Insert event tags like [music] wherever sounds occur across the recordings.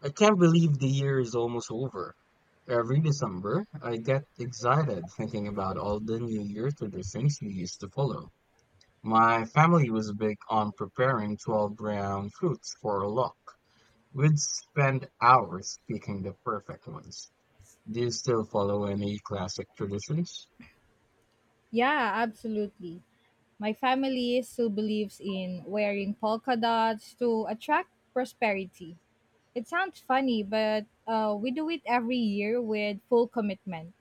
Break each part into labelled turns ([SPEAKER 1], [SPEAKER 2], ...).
[SPEAKER 1] I can't believe the year is almost over. Every December, I get excited thinking about all the New Year traditions we used to follow. My family was big on preparing 12 brown fruits for luck. We'd spend hours picking the perfect ones. Do you still follow any classic traditions?
[SPEAKER 2] Yeah, absolutely. My family still believes in wearing polka dots to attract prosperity. It sounds funny, but we do it every year with full commitment.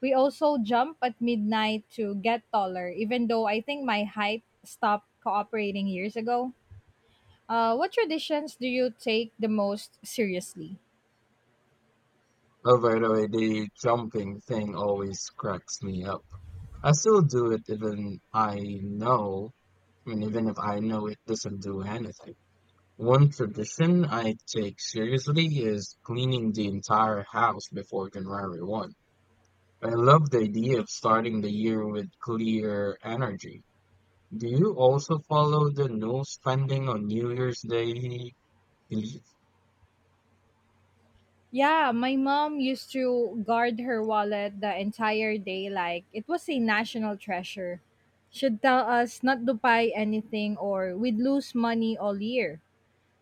[SPEAKER 2] We also jump at midnight to get taller, even though I think my height stopped cooperating years ago. What traditions do you take the most seriously?
[SPEAKER 1] Oh, by the way, the jumping thing always cracks me up. I still do it even I know, I mean, even if I know it doesn't do anything. One tradition I take seriously is cleaning the entire house before January 1st. I love the idea of starting the year with clear energy. Do you also follow the no spending on New Year's Day? Eve?
[SPEAKER 2] Yeah, my mom used to guard her wallet the entire day like it was a national treasure. She'd tell us not to buy anything or we'd lose money all year.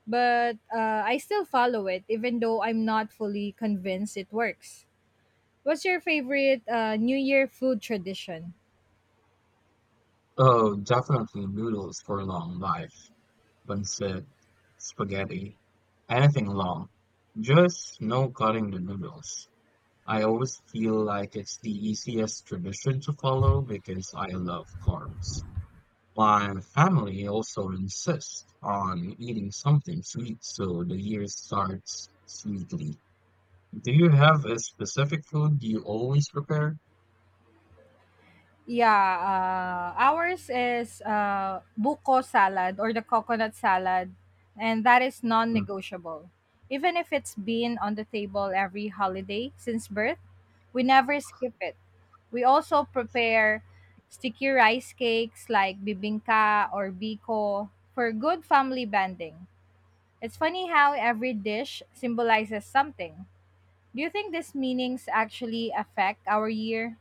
[SPEAKER 2] But I still follow it even though I'm not fully convinced it works. What's your favorite New Year food tradition?
[SPEAKER 1] Oh, definitely noodles for long life, pancit, spaghetti, anything long. Just no cutting the noodles. I always feel like it's the easiest tradition to follow because I love carbs. My family also insists on eating something sweet, so the year starts sweetly. Do you have a specific food you always prepare?
[SPEAKER 2] Yeah, ours is buko salad or the coconut salad, and that is
[SPEAKER 1] Hmm.
[SPEAKER 2] non-negotiable. Even if it's been on the table every holiday since birth, we never skip it. We also prepare sticky rice cakes like bibingka or biko for good family bonding. It's funny how every dish symbolizes something. Do you think these meanings actually affect our year?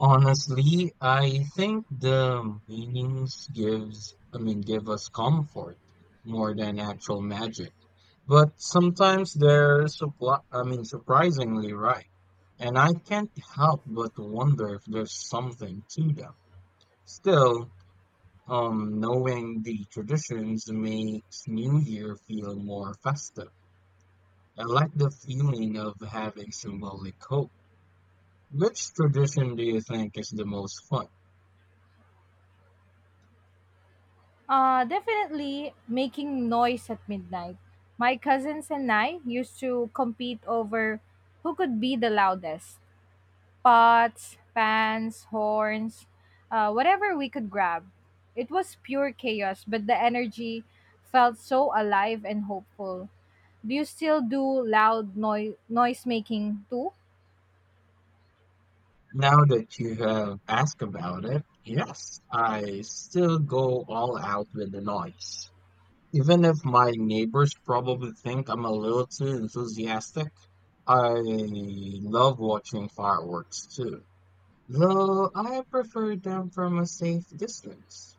[SPEAKER 1] Honestly, I think the meanings gives, I mean, give us comfort more than actual magic. But sometimes they're surprisingly right, and I can't help but wonder if there's something to them. Still, knowing the traditions makes New Year feel more festive. I like the feeling of having symbolic hope. Which tradition do you think is the most fun?
[SPEAKER 2] Definitely making noise at midnight. My cousins and I used to compete over who could be the loudest: pots, pans, horns, whatever we could grab. It was pure chaos, but the energy felt so alive and hopeful. Do you still do loud noise making too?
[SPEAKER 1] Now that you have asked about it, yes, I still go all out with the noise. Even if my neighbors probably think I'm a little too enthusiastic, I love watching fireworks too, though I prefer them from a safe distance.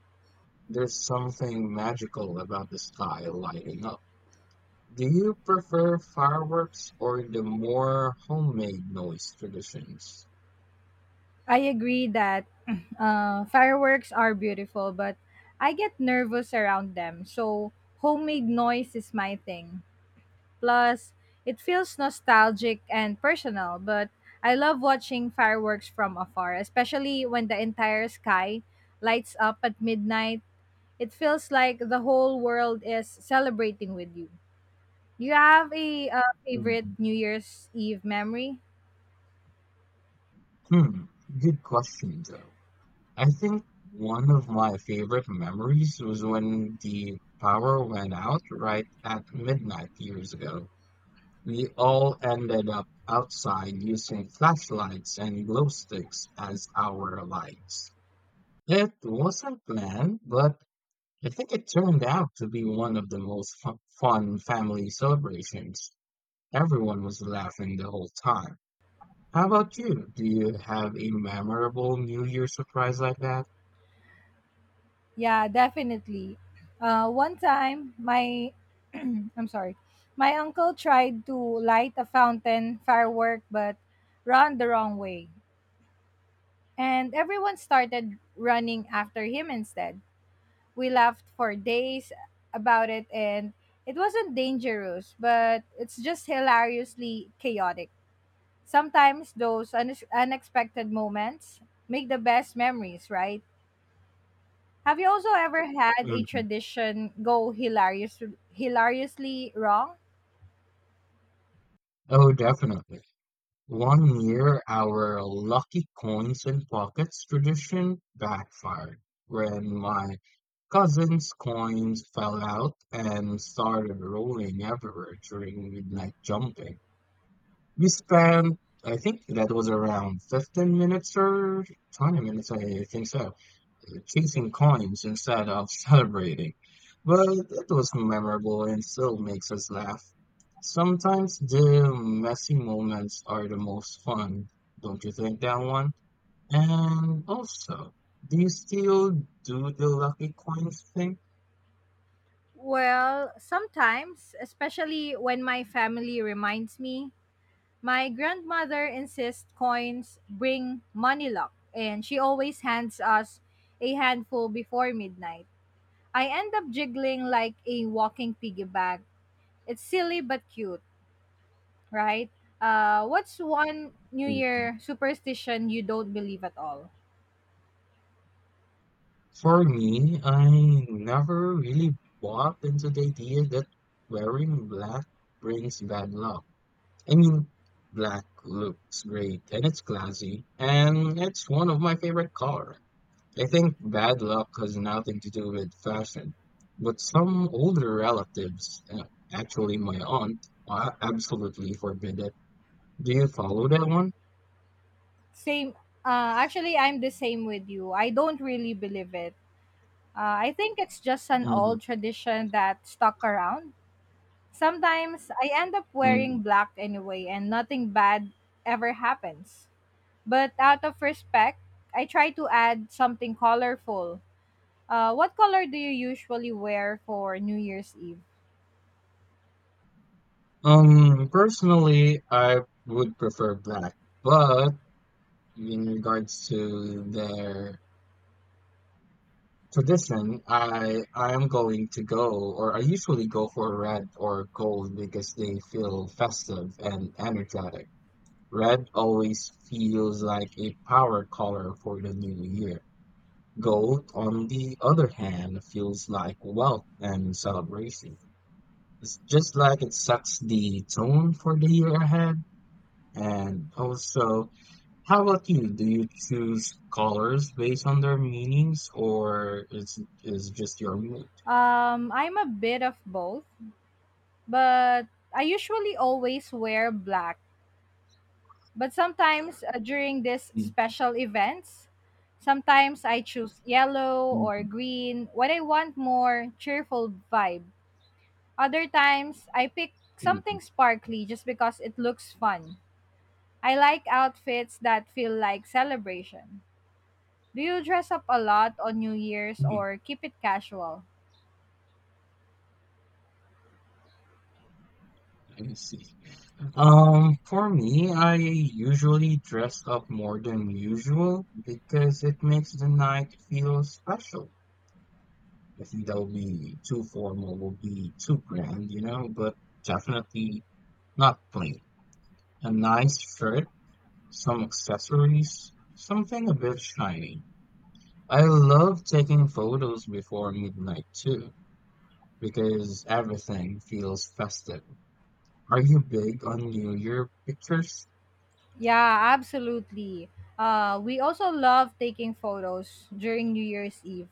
[SPEAKER 1] There's something magical about the sky lighting up. Do you prefer fireworks or the more homemade noise traditions?
[SPEAKER 2] I agree that [clears throat] fireworks are beautiful, but I get nervous around them. So homemade noise is my thing. Plus, it feels nostalgic and personal, but I love watching fireworks from afar, especially when the entire sky lights up at midnight. It feels like the whole world is celebrating with you. Do you have a favorite
[SPEAKER 1] Mhm.
[SPEAKER 2] New Year's Eve memory?
[SPEAKER 1] Hmm, good question though. I think one of my favorite memories was when the power went out right at midnight years ago. We all ended up outside using flashlights and glow sticks as our lights. It wasn't planned, but I think it turned out to be one of the most fun family celebrations. Everyone was laughing the whole time. How about you? Do you have a memorable New Year surprise like that?
[SPEAKER 2] Yeah, definitely. One time, my I'm sorry. My uncle tried to light a fountain firework but ran the wrong way. And everyone started running after him instead. We laughed for days about it, and it wasn't dangerous, but it's just hilariously chaotic. Sometimes those unexpected moments make the best memories, right? Have you also ever had a
[SPEAKER 1] Mhm.
[SPEAKER 2] tradition go hilariously wrong?
[SPEAKER 1] Oh, definitely. One year, our lucky coins and pockets tradition backfired when my cousin's coins fell out and started rolling everywhere during midnight jumping. We spent, I think that was around 15 minutes or 20 minutes, I think so, chasing coins instead of [laughs] celebrating. But it was memorable and still makes us laugh. Sometimes the messy moments are the most fun, don't you think that one? And also, do you still do the lucky coins thing?
[SPEAKER 2] Well, sometimes, especially when my family reminds me, my grandmother insists coins bring money luck, and she always hands us a handful before midnight. I end up jiggling like a walking piggy bank. It's silly but cute, right? What's one New Year superstition you don't believe at all?
[SPEAKER 1] For me, I never really bought into the idea that wearing black brings bad luck. I mean, black looks great and it's classy, and it's one of my favorite colors. I think bad luck has nothing to do with fashion, but some older relatives, actually my aunt, absolutely forbid it. Do you follow that one?
[SPEAKER 2] Same. Actually, I'm the same with you. I don't really believe it. I think it's just an
[SPEAKER 1] Hmm.
[SPEAKER 2] old tradition that stuck around. Sometimes I end up
[SPEAKER 1] Hmm.
[SPEAKER 2] wearing black anyway and nothing bad ever happens. But out of respect, I try to add something colorful. What color do you usually wear for New Year's Eve?
[SPEAKER 1] Personally, I would prefer black, but in regards to their tradition, I am going to go, or I usually go for red or gold because they feel festive and energetic. Red always feels like a power color for the new year. Gold, on the other hand, feels like wealth and celebration. It's just like it sets the tone for the year ahead, and also, how about you? Do you choose colors based on their meanings, or is just your mood?
[SPEAKER 2] I'm a bit of both, but I usually always wear black. But sometimes during these
[SPEAKER 1] Mm.
[SPEAKER 2] special events, sometimes I choose yellow or
[SPEAKER 1] Mm.
[SPEAKER 2] green when I want more cheerful vibe. Other times, I pick
[SPEAKER 1] Mm.
[SPEAKER 2] something sparkly just because it looks fun. I like outfits that feel like celebration. Do you dress up a lot on New Year's
[SPEAKER 1] Mm,
[SPEAKER 2] or keep it casual?
[SPEAKER 1] I see. For me, I usually dress up more than usual because it makes the night feel special. I think that would be too formal, would be too grand, you know, but definitely not plain. A nice shirt, some accessories, something a bit shiny. I love taking photos before midnight too, because everything feels festive. Are you big on New Year pictures?
[SPEAKER 2] Yeah, absolutely. We also love taking photos during New Year's Eve.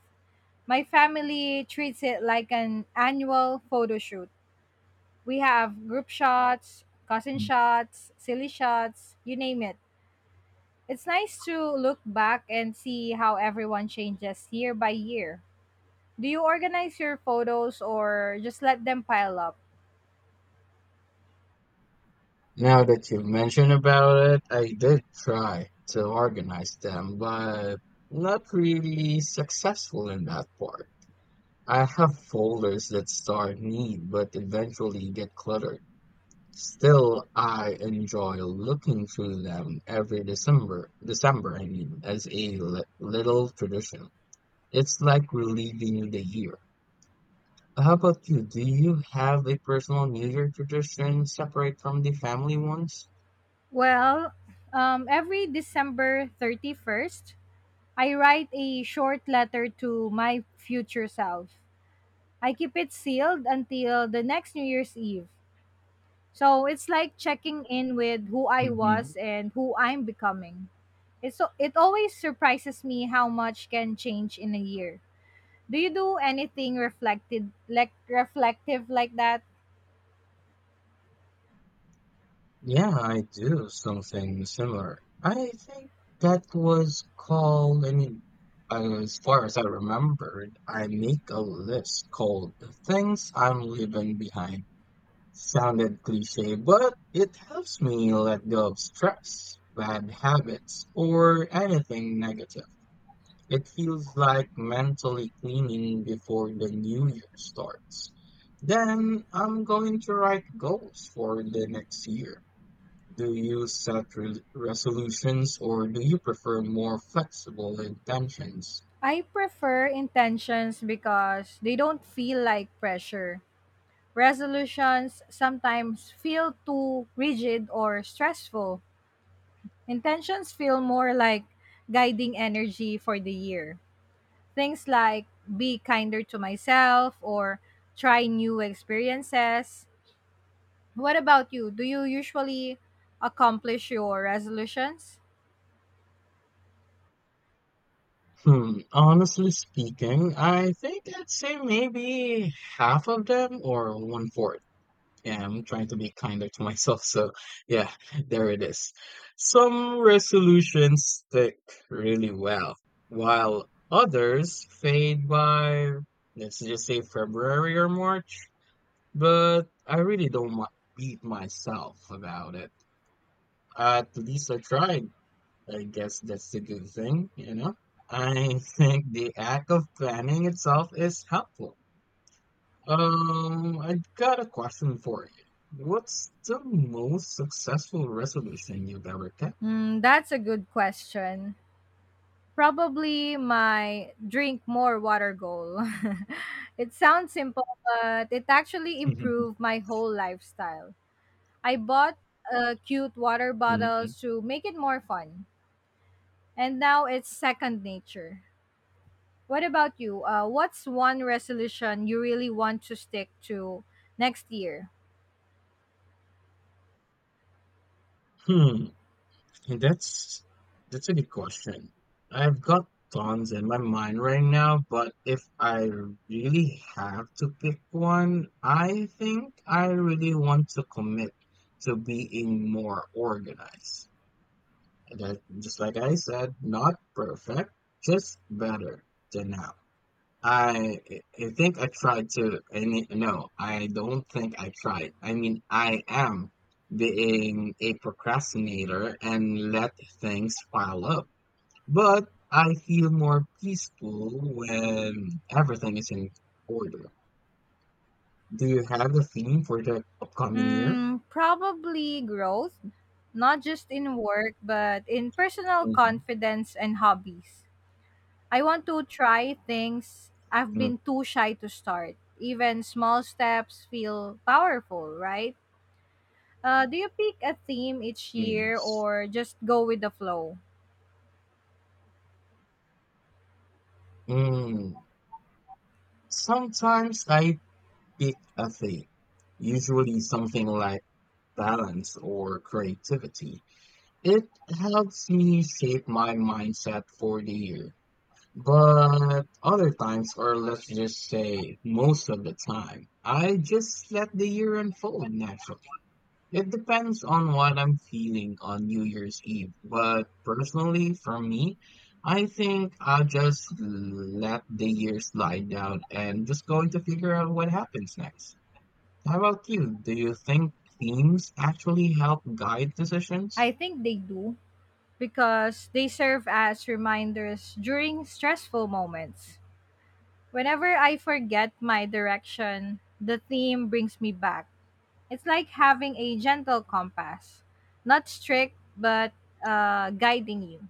[SPEAKER 2] My family treats it like an annual photo shoot. We have group shots, cousin shots, silly shots, you name it. It's nice to look back and see how everyone changes year by year. Do you organize your photos or just let them pile up?
[SPEAKER 1] Now that you've mentioned about it, I did try to organize them, but not really successful in that part. I have folders that start neat but eventually get cluttered. Still, I enjoy looking through them every as a little tradition. It's like relieving the year. How about you? Do you have a personal New Year tradition separate from the family ones?
[SPEAKER 2] Well, every December 31st, I write a short letter to my future self. I keep it sealed until the next New Year's Eve. So it's like checking in with who I
[SPEAKER 1] Mhm.
[SPEAKER 2] was and who I'm becoming. It always surprises me how much can change in a year. Do you do anything reflected like reflective like that?
[SPEAKER 1] Yeah, I do something similar. I think that was called, I mean, as far as I remembered, I make a list called Things I'm Leaving Behind. Sounded cliche, but it helps me let go of stress, bad habits, or anything negative. It feels like mentally cleaning before the new year starts. Then I'm going to write goals for the next year. Do you set resolutions or do you prefer more flexible intentions?
[SPEAKER 2] I prefer intentions because they don't feel like pressure. Resolutions sometimes feel too rigid or stressful. Intentions feel more like guiding energy for the year. Things like be kinder to myself or try new experiences. What about you? Do you usually accomplish your resolutions?
[SPEAKER 1] Hmm, honestly speaking, I think I'd say maybe half of them or one fourth. Yeah, I'm trying to be kinder to myself. So, yeah, there it is. Some resolutions stick really well, while others fade by, let's just say February or March. But I really don't want beat myself about it. At least I tried. I guess that's the good thing, you know? I [laughs] think the act of planning itself is helpful. I got a question for you. What's the most successful resolution you've ever kept?
[SPEAKER 2] Hmm, that's a good question. Probably my drink more water goal. [laughs] It sounds simple, but it actually
[SPEAKER 1] [laughs]
[SPEAKER 2] improved my whole lifestyle. I bought cute water
[SPEAKER 1] Mhm.
[SPEAKER 2] bottles to make it more fun, and now it's second nature. What about you? What's one resolution you really want to stick to next year?
[SPEAKER 1] Hmm. That's that's a good question. I've got tons in my mind right now, but if I really have to pick one, I think I really want to commit to being more organized. That, just like I said, not perfect, just better than now. I I think I tried to, and it- no, I don't think I tried. I mean, I am being a procrastinator and let things pile up. But I feel more peaceful when everything is in order. Do you have a theme for the upcoming year?
[SPEAKER 2] Mm, probably growth, not just in work, but in personal
[SPEAKER 1] Hmm.
[SPEAKER 2] confidence and hobbies. I want to try things I've been
[SPEAKER 1] Mm.
[SPEAKER 2] too shy to start. Even small steps feel powerful, right? Do you pick a theme each year
[SPEAKER 1] Yes.
[SPEAKER 2] or just go with the flow?
[SPEAKER 1] Mm. Sometimes I pick a theme, usually something like balance or creativity. It helps me shape my mindset for the year. But other times, or let's just say most of the time, I just let the year unfold naturally. It depends on what I'm feeling on New Year's Eve. But personally, for me, I think I'll just let the year slide down and just going to figure out what happens next. How about you? Do you think themes actually help guide
[SPEAKER 2] I
[SPEAKER 1] decisions?
[SPEAKER 2] think they do because they serve as reminders during stressful moments. Whenever I forget my direction, the theme brings me back. It's like having a gentle compass, not strict, but guiding you.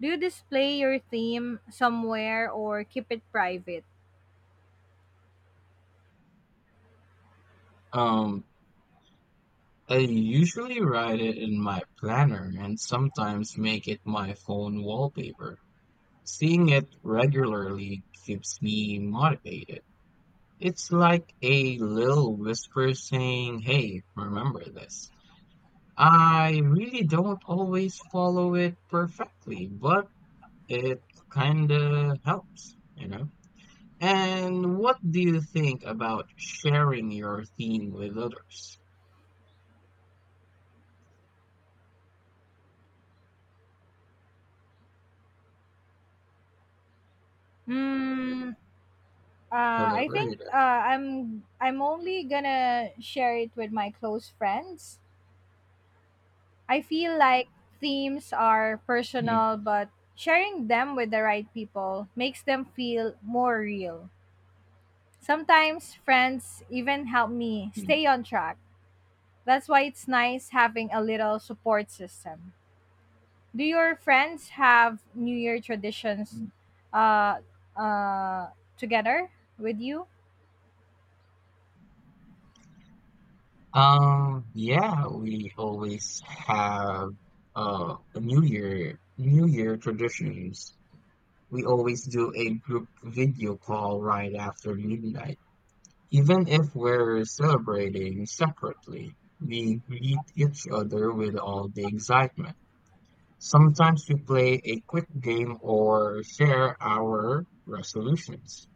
[SPEAKER 2] Do you display your theme somewhere or keep it private?
[SPEAKER 1] Um, I usually write it in my planner and sometimes make it my phone wallpaper. Seeing it regularly keeps me motivated. It's like a little whisper saying, hey, remember this. I really don't always follow it perfectly, but it kinda helps, you know? And what do you think about sharing your theme with others?
[SPEAKER 2] Hmm. Uh,
[SPEAKER 1] Hello,
[SPEAKER 2] I
[SPEAKER 1] where are
[SPEAKER 2] think
[SPEAKER 1] you
[SPEAKER 2] I'm only gonna share it with my close friends. I feel like themes are
[SPEAKER 1] there?
[SPEAKER 2] personal, but sharing them with the right people makes them feel more real. Sometimes friends even help me
[SPEAKER 1] Mhm.
[SPEAKER 2] stay on track. That's why it's nice having a little support system. Do your friends have New Year traditions uh, uh, together with you?
[SPEAKER 1] Yeah, we always have a New Year traditions. We always do a group video call right after midnight. Even if we're celebrating separately, we greet each other with all the excitement. Sometimes we play a quick game or share our resolutions.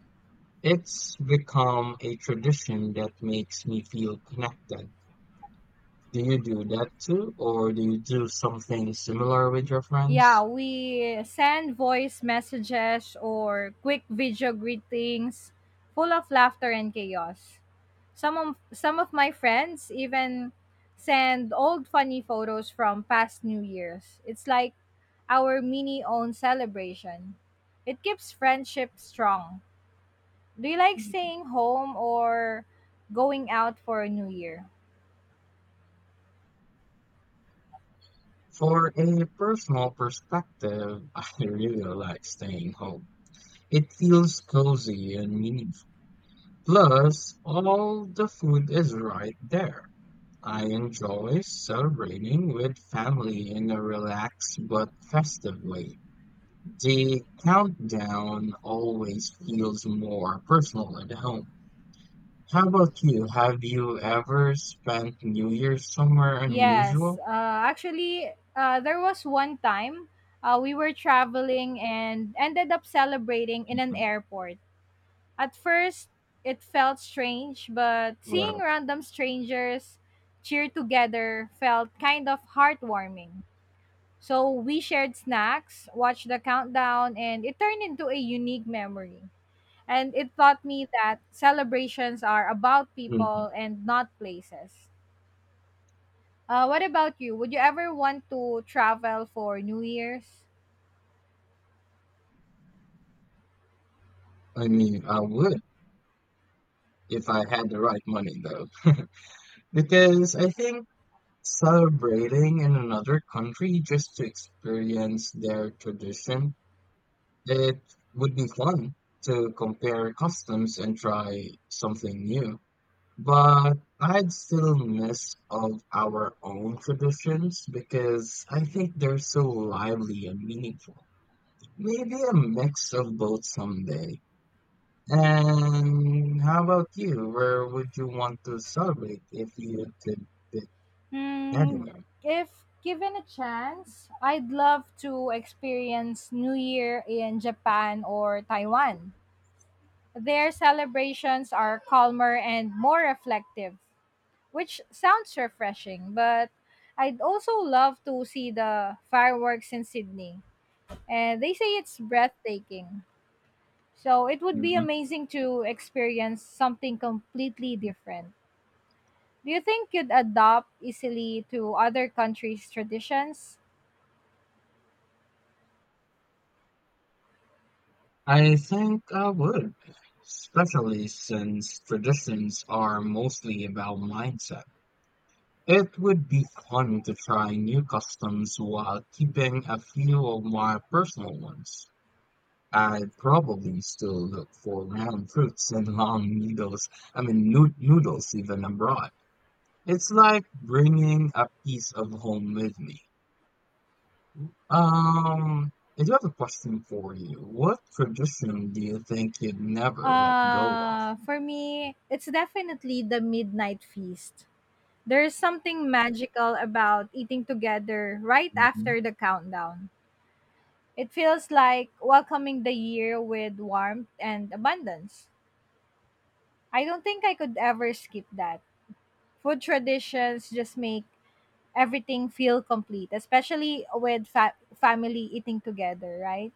[SPEAKER 1] It's become a tradition that makes me feel connected. Do you do that too, or do you do something similar with your
[SPEAKER 2] Yeah,
[SPEAKER 1] friends?
[SPEAKER 2] we send voice messages or quick video greetings full of laughter and chaos. Some of my friends even send old funny photos from past New Year's. It's like our mini own celebration. It keeps friendship strong. Do you like staying home or going out for New Year?
[SPEAKER 1] For a personal perspective, [laughs] I really like staying home. It feels cozy and meaningful. Plus, all the food is right there. I enjoy celebrating with family in a relaxed but festive way. The countdown always feels more personal at home. How about you? Have you ever spent New Year's somewhere
[SPEAKER 2] Yes,
[SPEAKER 1] unusual?
[SPEAKER 2] there was one time we were traveling and ended up celebrating in an
[SPEAKER 1] Mhm.
[SPEAKER 2] airport. At first, it felt strange, but seeing
[SPEAKER 1] Well,
[SPEAKER 2] random strangers cheer together felt kind of heartwarming. So we shared snacks, watched the countdown, and it turned into a unique memory. And it taught me that celebrations are about
[SPEAKER 1] mhm.
[SPEAKER 2] people and not places. What about you? Would you ever want to travel for New Year's?
[SPEAKER 1] I mean, I would if I had the right money, though. [laughs] Because I think celebrating in another country just to experience their tradition, it would be fun to compare customs and try something new. But I'd still miss of our own traditions because I think they're so lively and meaningful. Maybe a mix of both someday. And how about you? Where would you want to celebrate if you could pick
[SPEAKER 2] Hmm,
[SPEAKER 1] anywhere?
[SPEAKER 2] if given a chance, I'd love to experience New Year in Japan or Taiwan. Their celebrations are calmer and more reflective, which sounds refreshing, but I'd also love to see the fireworks in Sydney, and they say it's breathtaking. So it would be
[SPEAKER 1] Mhm.
[SPEAKER 2] amazing to experience something completely different. Do you think you'd adopt easily to other countries' traditions?
[SPEAKER 1] I think I would, especially since traditions are mostly about mindset. It would be fun to try new customs while keeping a few of my personal ones. I'd probably still look for round fruits and long needles, I mean, noodles even abroad. It's like bringing a piece of home with me. Um, I do have a question for you. What tradition do you think you'd never let go of?
[SPEAKER 2] For me, it's definitely the midnight feast. There's something magical about eating together right
[SPEAKER 1] Mhm.
[SPEAKER 2] after the countdown. It feels like welcoming the year with warmth and abundance. I don't think I could ever skip that. Food traditions just make everything feel complete, especially with family eating together, right?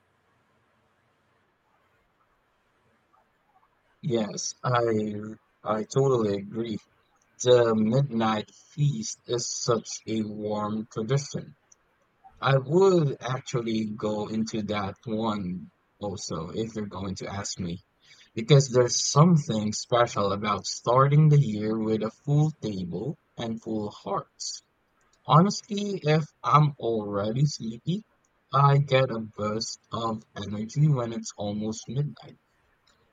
[SPEAKER 1] Yes, I totally agree. The midnight feast is such a warm tradition. I would actually go into that one also if you're going to ask me, because there's something special about starting the year with a full table and full hearts. Honestly, if I'm already sleepy, I get a burst of energy when it's almost midnight.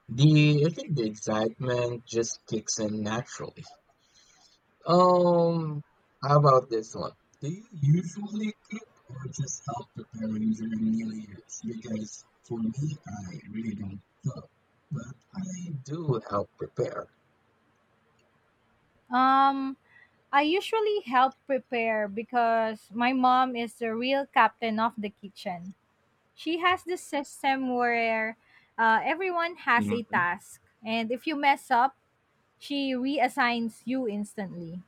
[SPEAKER 1] The I think the excitement just kicks in naturally. Um, how about this one? Do you usually cook or just help preparing during New Year's? Because for me, I really don't cook, but I do help prepare.
[SPEAKER 2] Um, I usually help prepare because my mom is the real captain of the kitchen. She has this system where everyone has a
[SPEAKER 1] Mhm.
[SPEAKER 2] task, and if you mess up, she reassigns you instantly.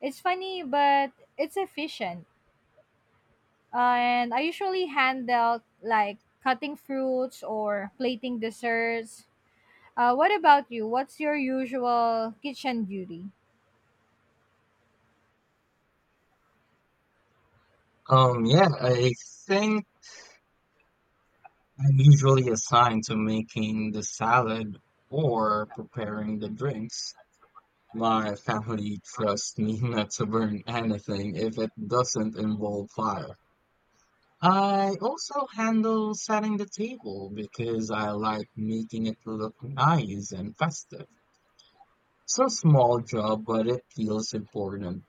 [SPEAKER 2] It's funny, but it's efficient. Uh, and I usually handle like cutting fruits or plating desserts. What about you? What's your usual kitchen duty?
[SPEAKER 1] Yeah, I think I'm usually assigned to making the salad or preparing the drinks. My family trusts me [laughs] not to burn anything if it doesn't involve fire. I also handle setting the table because I like making it look nice and festive. It's a small job, but it feels important.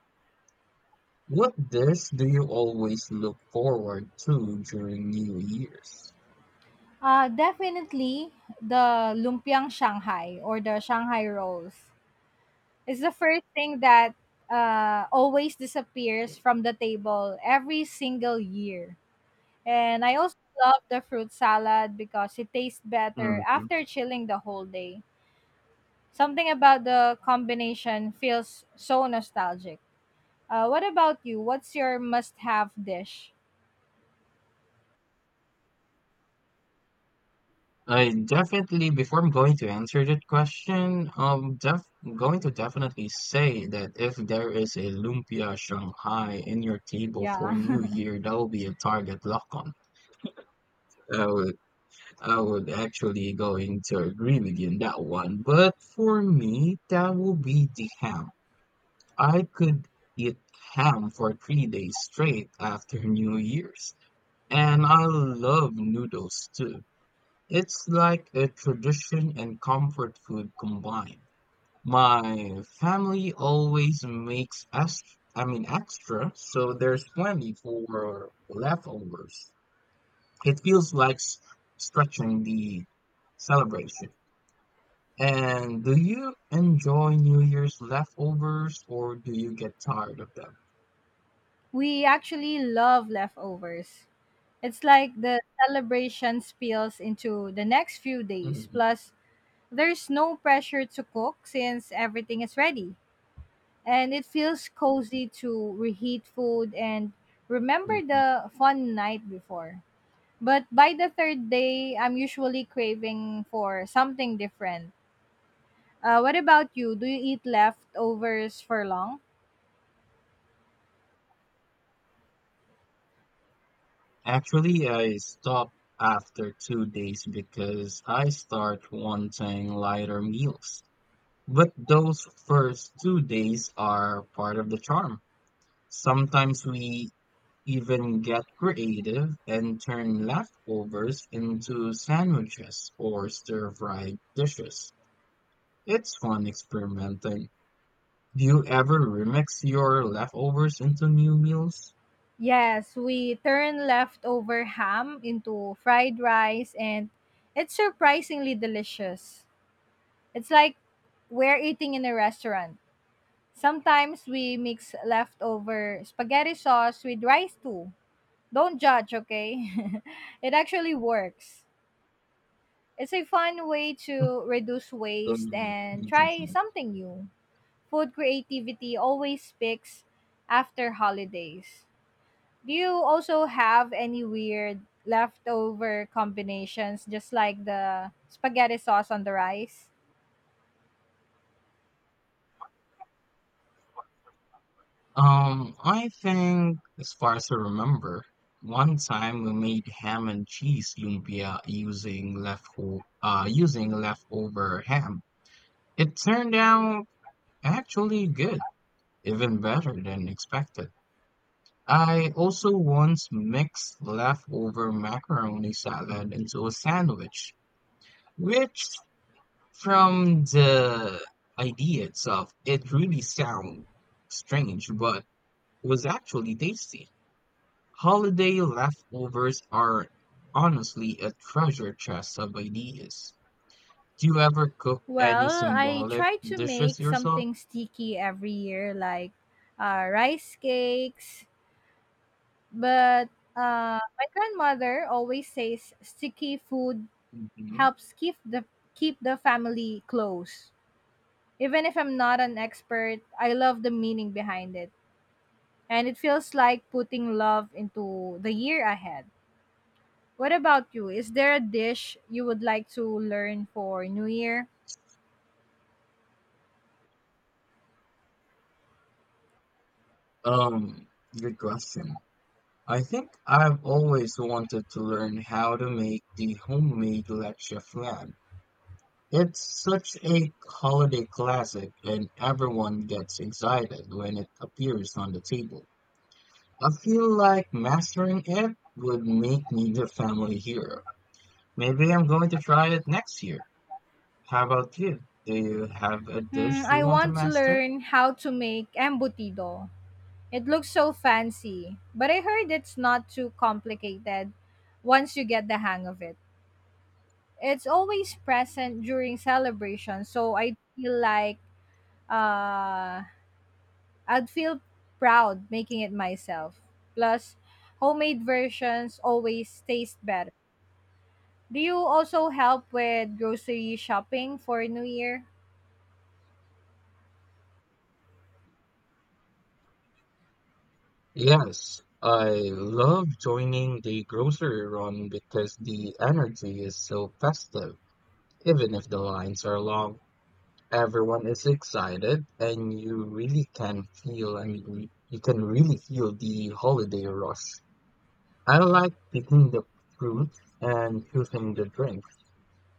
[SPEAKER 1] What dish do you always look forward to during New Year's?
[SPEAKER 2] Definitely the lumpiang Shanghai or the Shanghai rolls. It's the first thing that always disappears from the table every single year. And I also love the fruit salad because it tastes better
[SPEAKER 1] Mhm.
[SPEAKER 2] after chilling the whole day. Something about the combination feels so nostalgic. What about you? What's your must have dish?
[SPEAKER 1] I definitely, before I'm going to answer that question, I'm def going to definitely say that if there is a lumpia Shanghai in your table for New
[SPEAKER 2] Yeah. [laughs]
[SPEAKER 1] Year, that will be a target lock on. Uh, I would actually going to agree with you on that one. But for me, that would be the ham. I could eat ham for 3 days straight after New Year's. And I love noodles too. It's like a tradition and comfort food combined. My family always makes us, I mean, extra, so there's plenty for leftovers. It feels like stretching the celebration. And do you enjoy New Year's leftovers or do you get tired of them?
[SPEAKER 2] We actually love leftovers. It's like the celebration spills into the next few days.
[SPEAKER 1] Mhm,
[SPEAKER 2] Plus, there's no pressure to cook since everything is ready. And it feels cozy to reheat food and remember
[SPEAKER 1] mhm.
[SPEAKER 2] the fun night before. But by the third day, I'm usually craving for something different. What about you? Do you eat leftovers for long?
[SPEAKER 1] Actually, I stop after 2 days because I start wanting lighter meals. But those first 2 days are part of the charm. Sometimes we even get creative and turn leftovers into sandwiches or stir-fried dishes. It's fun experimenting. Do you ever remix your leftovers into new meals?
[SPEAKER 2] Yes, we turn leftover ham into fried rice and it's surprisingly delicious. It's like we're eating in a restaurant. Sometimes we mix leftover spaghetti sauce with rice too. Don't judge, okay? [laughs] It actually works. It's a fun way to reduce
[SPEAKER 1] Um,
[SPEAKER 2] waste
[SPEAKER 1] Let
[SPEAKER 2] and
[SPEAKER 1] me think.
[SPEAKER 2] try
[SPEAKER 1] Here.
[SPEAKER 2] something new. Food creativity always picks after holidays. Do you also have any weird leftover combinations just like the spaghetti sauce on the rice?
[SPEAKER 1] I think, as far as I remember, one time we made ham and cheese lumpia using leftover ham. It turned out actually good, even better than expected. I also once mixed leftover macaroni salad into a sandwich, which, from the idea itself, it really sounds strange, but was actually tasty. Holiday leftovers are honestly a treasure chest of ideas. Do you ever cook any
[SPEAKER 2] Well, I
[SPEAKER 1] symbolic
[SPEAKER 2] try to
[SPEAKER 1] dishes
[SPEAKER 2] make
[SPEAKER 1] yourself?
[SPEAKER 2] something sticky every year like rice cakes, but my grandmother always says sticky food
[SPEAKER 1] Mhm.
[SPEAKER 2] helps keep the family close. Even if I'm not an expert, I love the meaning behind it and it feels like putting love into the year ahead. What about you? Is there a dish you would like to learn for New Year?
[SPEAKER 1] Um, Good question. I think I've always wanted to learn how to make the homemade leche flan. It's such a holiday classic, and everyone gets excited when it appears on the table. I feel like mastering it would make me the family hero. Maybe I'm going to try it next year. How about you? Do you have a dish
[SPEAKER 2] Hmm,
[SPEAKER 1] you
[SPEAKER 2] I
[SPEAKER 1] want to
[SPEAKER 2] want to
[SPEAKER 1] master?
[SPEAKER 2] learn how to make embutido. It looks so fancy, but I heard it's not too complicated once you get the hang of it. It's always present during celebration, so I feel like uh, I'd feel proud making it myself. Plus, homemade versions always taste better. Do you also help with grocery shopping for New Year?
[SPEAKER 1] Yes, I love joining the grocery run because the energy is so festive, even if the lines are long. Everyone is excited, and you really can feel, I mean, you can really feel the holiday rush. I like picking the fruit and choosing the drink.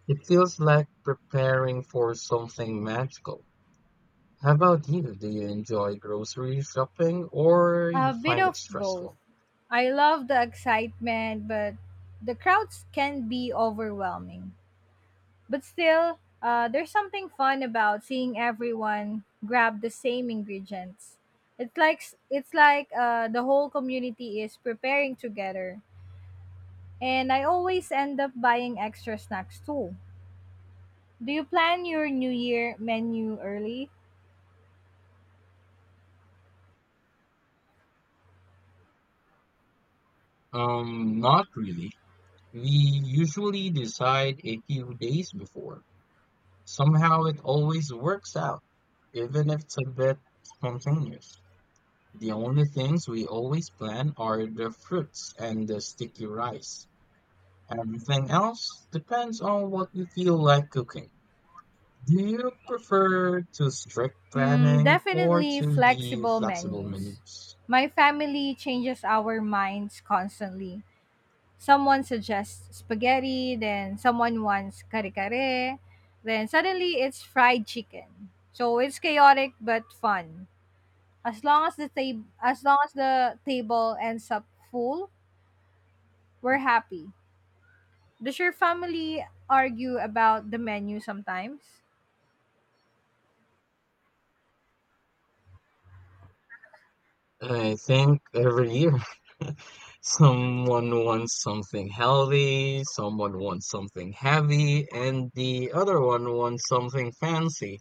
[SPEAKER 1] It feels like preparing for something magical. How about you? Do you enjoy grocery shopping or you
[SPEAKER 2] A bit
[SPEAKER 1] find it
[SPEAKER 2] of both.
[SPEAKER 1] stressful?
[SPEAKER 2] I love the excitement, but the crowds can be overwhelming. But still, there's something fun about seeing everyone grab the same ingredients. It's like it's like the whole community is preparing together, and I always end up buying extra snacks too. Do you plan your New Year menu early?
[SPEAKER 1] Not really. We usually decide a few days before. Somehow it always works out, even if it's a bit spontaneous. The only things we always plan are the fruits and the sticky rice. Everything else depends on what we feel like cooking. Do you prefer to strict planning or
[SPEAKER 2] Definitely
[SPEAKER 1] to the
[SPEAKER 2] flexible
[SPEAKER 1] flexible
[SPEAKER 2] menus.
[SPEAKER 1] menus?
[SPEAKER 2] My family changes our minds constantly. Someone suggests spaghetti, then someone wants kare kare, then suddenly it's fried chicken. So it's chaotic but fun. As long as the table ends up full, we're happy. Does your family argue about the menu sometimes?
[SPEAKER 1] I think every year [laughs] someone wants something healthy, someone wants something heavy, and the other one wants something fancy.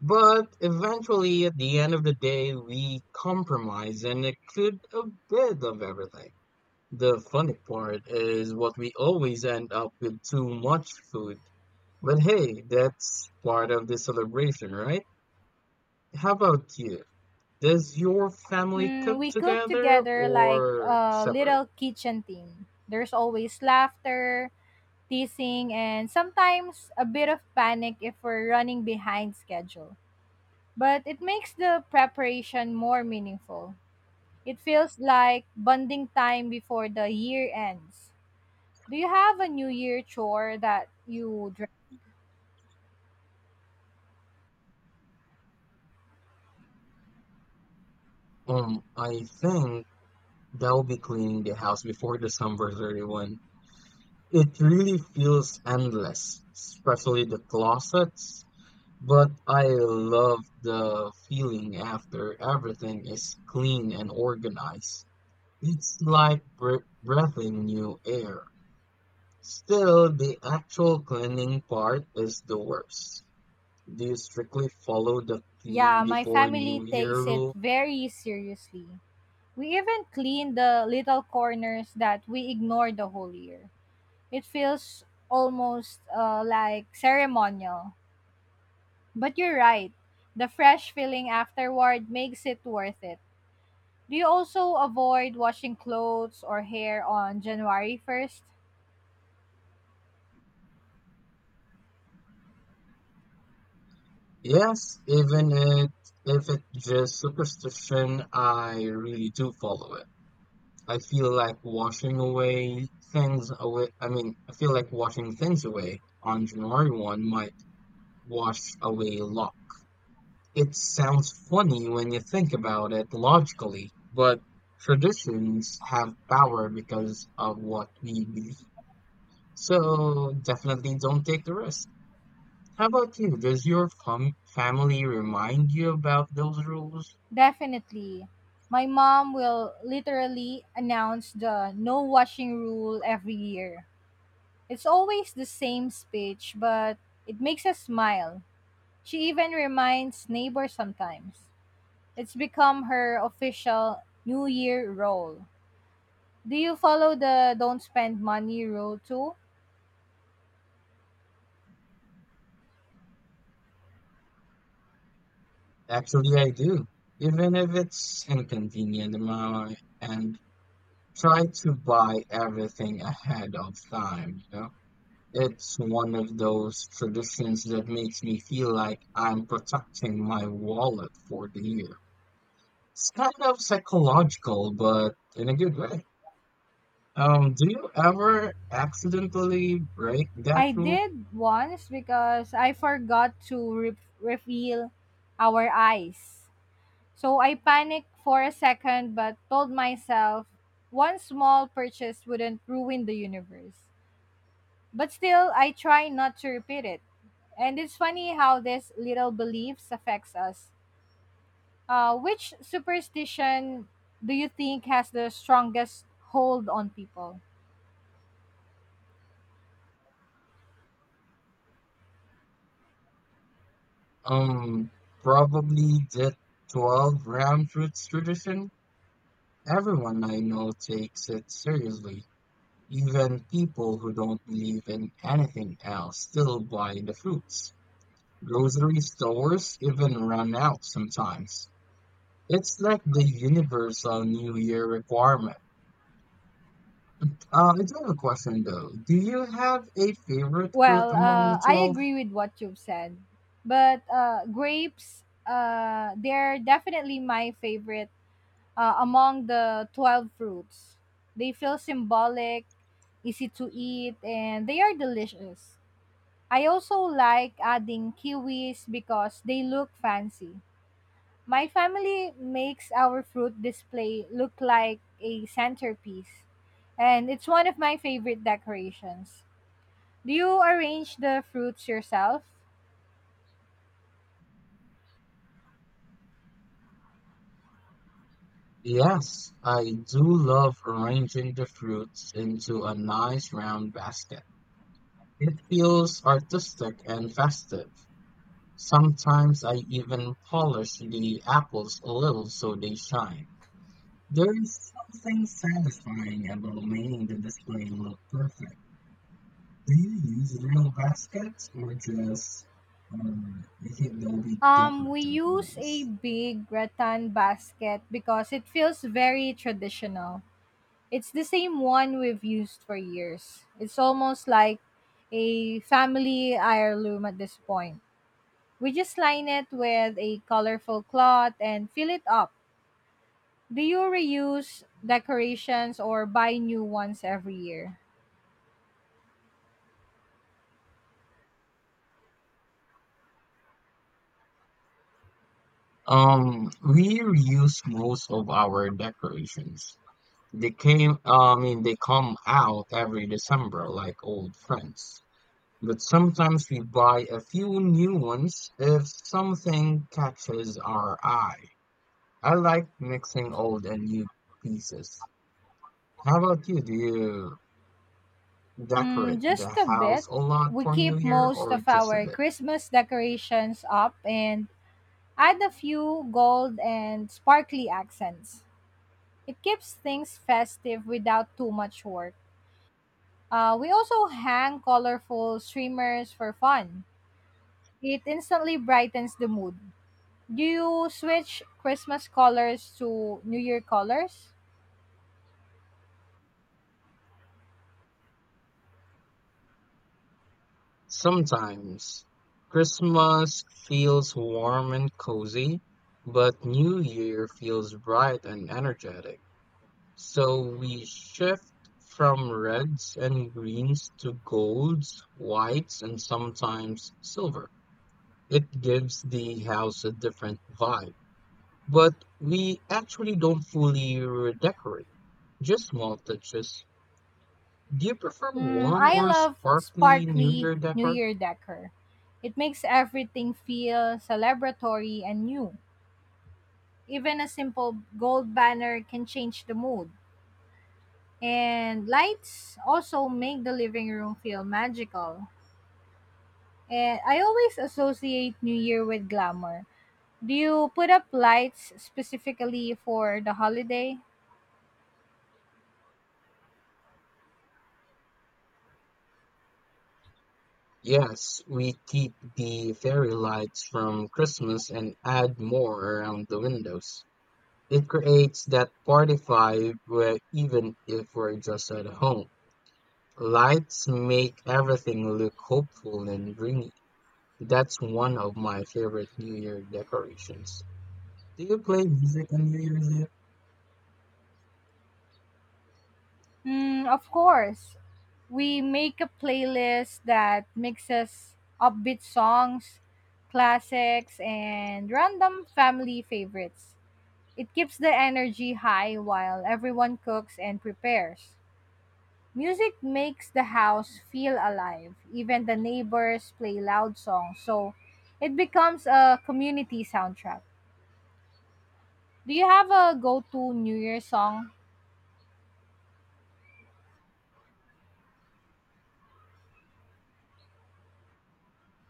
[SPEAKER 1] But eventually, at the end of the day, we compromise and include a bit of everything. The funny part is what we always end up with too much food. But hey, that's part of the celebration, right? How about you? Does your family cook
[SPEAKER 2] We cook
[SPEAKER 1] together
[SPEAKER 2] together like
[SPEAKER 1] or
[SPEAKER 2] a
[SPEAKER 1] separate?
[SPEAKER 2] little kitchen team. There's always laughter, teasing, and sometimes a bit of panic if we're running behind schedule. But it makes the preparation more meaningful. It feels like bonding time before the year ends. Do you have a New Year chore that
[SPEAKER 1] I think they'll be cleaning the house before December 31. It really feels endless, especially the closets. But I love the feeling after everything is clean and organized. It's like breathing new air. Still, the actual cleaning part is the worst. Do you strictly follow the clean
[SPEAKER 2] yeah, my
[SPEAKER 1] before New
[SPEAKER 2] family
[SPEAKER 1] Year
[SPEAKER 2] takes it
[SPEAKER 1] rule?
[SPEAKER 2] very seriously. We even clean the little corners that we ignore the whole year. It feels almost like ceremonial. But you're right. The fresh feeling afterward makes it worth it. Do you also avoid washing clothes or hair on January 1st?
[SPEAKER 1] Yes, even it, if it's just superstition, I really do follow it. I feel like washing away things away. I mean, I feel like washing things away on January 1 might wash away a lot. It sounds funny when you think about it logically, but traditions have power because of what we believe. So definitely don't take the risk. How about you? Does your family remind you about those rules?
[SPEAKER 2] Definitely. My mom will literally announce the no washing rule every year. It's always the same speech, but it makes us smile. She even reminds neighbors sometimes. It's become her official New Year role. Do you follow the don't spend money rule too?
[SPEAKER 1] Actually, I do. Even if it's inconvenient, my and try to buy everything ahead of time, you know? It's one of those traditions that makes me feel like I'm protecting my wallet for the year. It's kind of psychological, but in a good way. Do you ever accidentally break that
[SPEAKER 2] I
[SPEAKER 1] rule?
[SPEAKER 2] did once because I forgot to refill our eyes. So I panicked for a second but told myself one small purchase wouldn't ruin the universe. But still, I try not to repeat it. And it's funny how this little beliefs affects us. Which superstition do you think has the strongest hold on people?
[SPEAKER 1] Um, Probably the 12 round fruits tradition. Everyone I know takes it seriously. Even people who don't believe in anything else still buy the fruits. Grocery stores even run out sometimes. It's like the universal New Year requirement. I do have a question though. Do you have a favorite fruit
[SPEAKER 2] Well,
[SPEAKER 1] among the
[SPEAKER 2] I
[SPEAKER 1] 12?
[SPEAKER 2] agree with what you've said, but grapes, they're definitely my favorite among the 12 fruits. They feel symbolic, easy to eat, and they are delicious. I also like adding kiwis because they look fancy. My family makes our fruit display look like a centerpiece, and it's one of my favorite decorations. Do you arrange the fruits yourself?
[SPEAKER 1] Yes, I do love arranging the fruits into a nice round basket. It feels artistic and festive. Sometimes I even polish the apples a little so they shine. There is something satisfying about making the display look perfect. Do you use real baskets or just, or I think they'll be
[SPEAKER 2] We
[SPEAKER 1] decorative
[SPEAKER 2] use a
[SPEAKER 1] ones?
[SPEAKER 2] big rattan basket because it feels very traditional. It's the same one we've used for years. It's almost like a family heirloom at this point. We just line it with a colorful cloth and fill it up. Do you reuse decorations or buy new ones every year?
[SPEAKER 1] We reuse most of our decorations. They came, I mean, they come out every December like old friends. But sometimes we buy a few new ones if something catches our eye. I like mixing old and new pieces. How about you? Do you decorate the
[SPEAKER 2] Just a bit.
[SPEAKER 1] house a lot
[SPEAKER 2] We
[SPEAKER 1] for New
[SPEAKER 2] keep
[SPEAKER 1] Year
[SPEAKER 2] most
[SPEAKER 1] or
[SPEAKER 2] of
[SPEAKER 1] just a
[SPEAKER 2] our
[SPEAKER 1] bit?
[SPEAKER 2] Christmas decorations up and add a few gold and sparkly accents. It keeps things festive without too much work. We also hang colorful streamers for fun. It instantly brightens the mood. Do you switch Christmas colors to New Year colors?
[SPEAKER 1] Sometimes Christmas feels warm and cozy, but New Year feels bright and energetic. So we shift from reds and greens to golds, whites, and sometimes silver. It gives the house a different vibe, but we actually don't fully redecorate, just small touches. Do you prefer warm
[SPEAKER 2] I
[SPEAKER 1] or
[SPEAKER 2] love
[SPEAKER 1] sparkly New
[SPEAKER 2] sparkly
[SPEAKER 1] Year
[SPEAKER 2] New
[SPEAKER 1] decor?
[SPEAKER 2] Year decor. It makes everything feel celebratory and new. Even a simple gold banner can change the mood. And lights also make the living room feel magical. And I always associate New Year with glamour. Do you put up lights specifically for the holiday?
[SPEAKER 1] Yes, we keep the fairy lights from Christmas and add more around the windows. It creates that party vibe where even if we're just at home, lights make everything look hopeful and dreamy. That's one of my favorite New Year decorations. Do you play music on New Year's Eve?
[SPEAKER 2] Of course. We make a playlist that mixes upbeat songs, classics, and random family favorites. It keeps the energy high while everyone cooks and prepares. Music makes the house feel alive. Even the neighbors play loud songs, so it becomes a community soundtrack. Do you have a go to New Year song?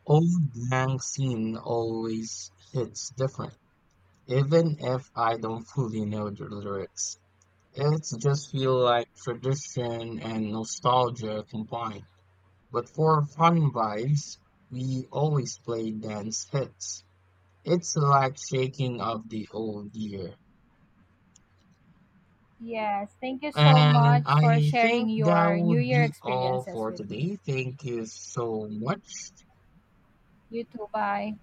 [SPEAKER 1] Old Lang scene always hits different, even if I don't fully know the lyrics. It's just feel like tradition and nostalgia combined. But for fun vibes, we always play dance hits. It's like shaking of the old year.
[SPEAKER 2] Yes, thank you so
[SPEAKER 1] And
[SPEAKER 2] much for
[SPEAKER 1] I think
[SPEAKER 2] sharing
[SPEAKER 1] that
[SPEAKER 2] your New
[SPEAKER 1] would
[SPEAKER 2] Year
[SPEAKER 1] be all
[SPEAKER 2] experiences
[SPEAKER 1] for
[SPEAKER 2] with me.
[SPEAKER 1] today. Thank you so much.
[SPEAKER 2] You too, bye.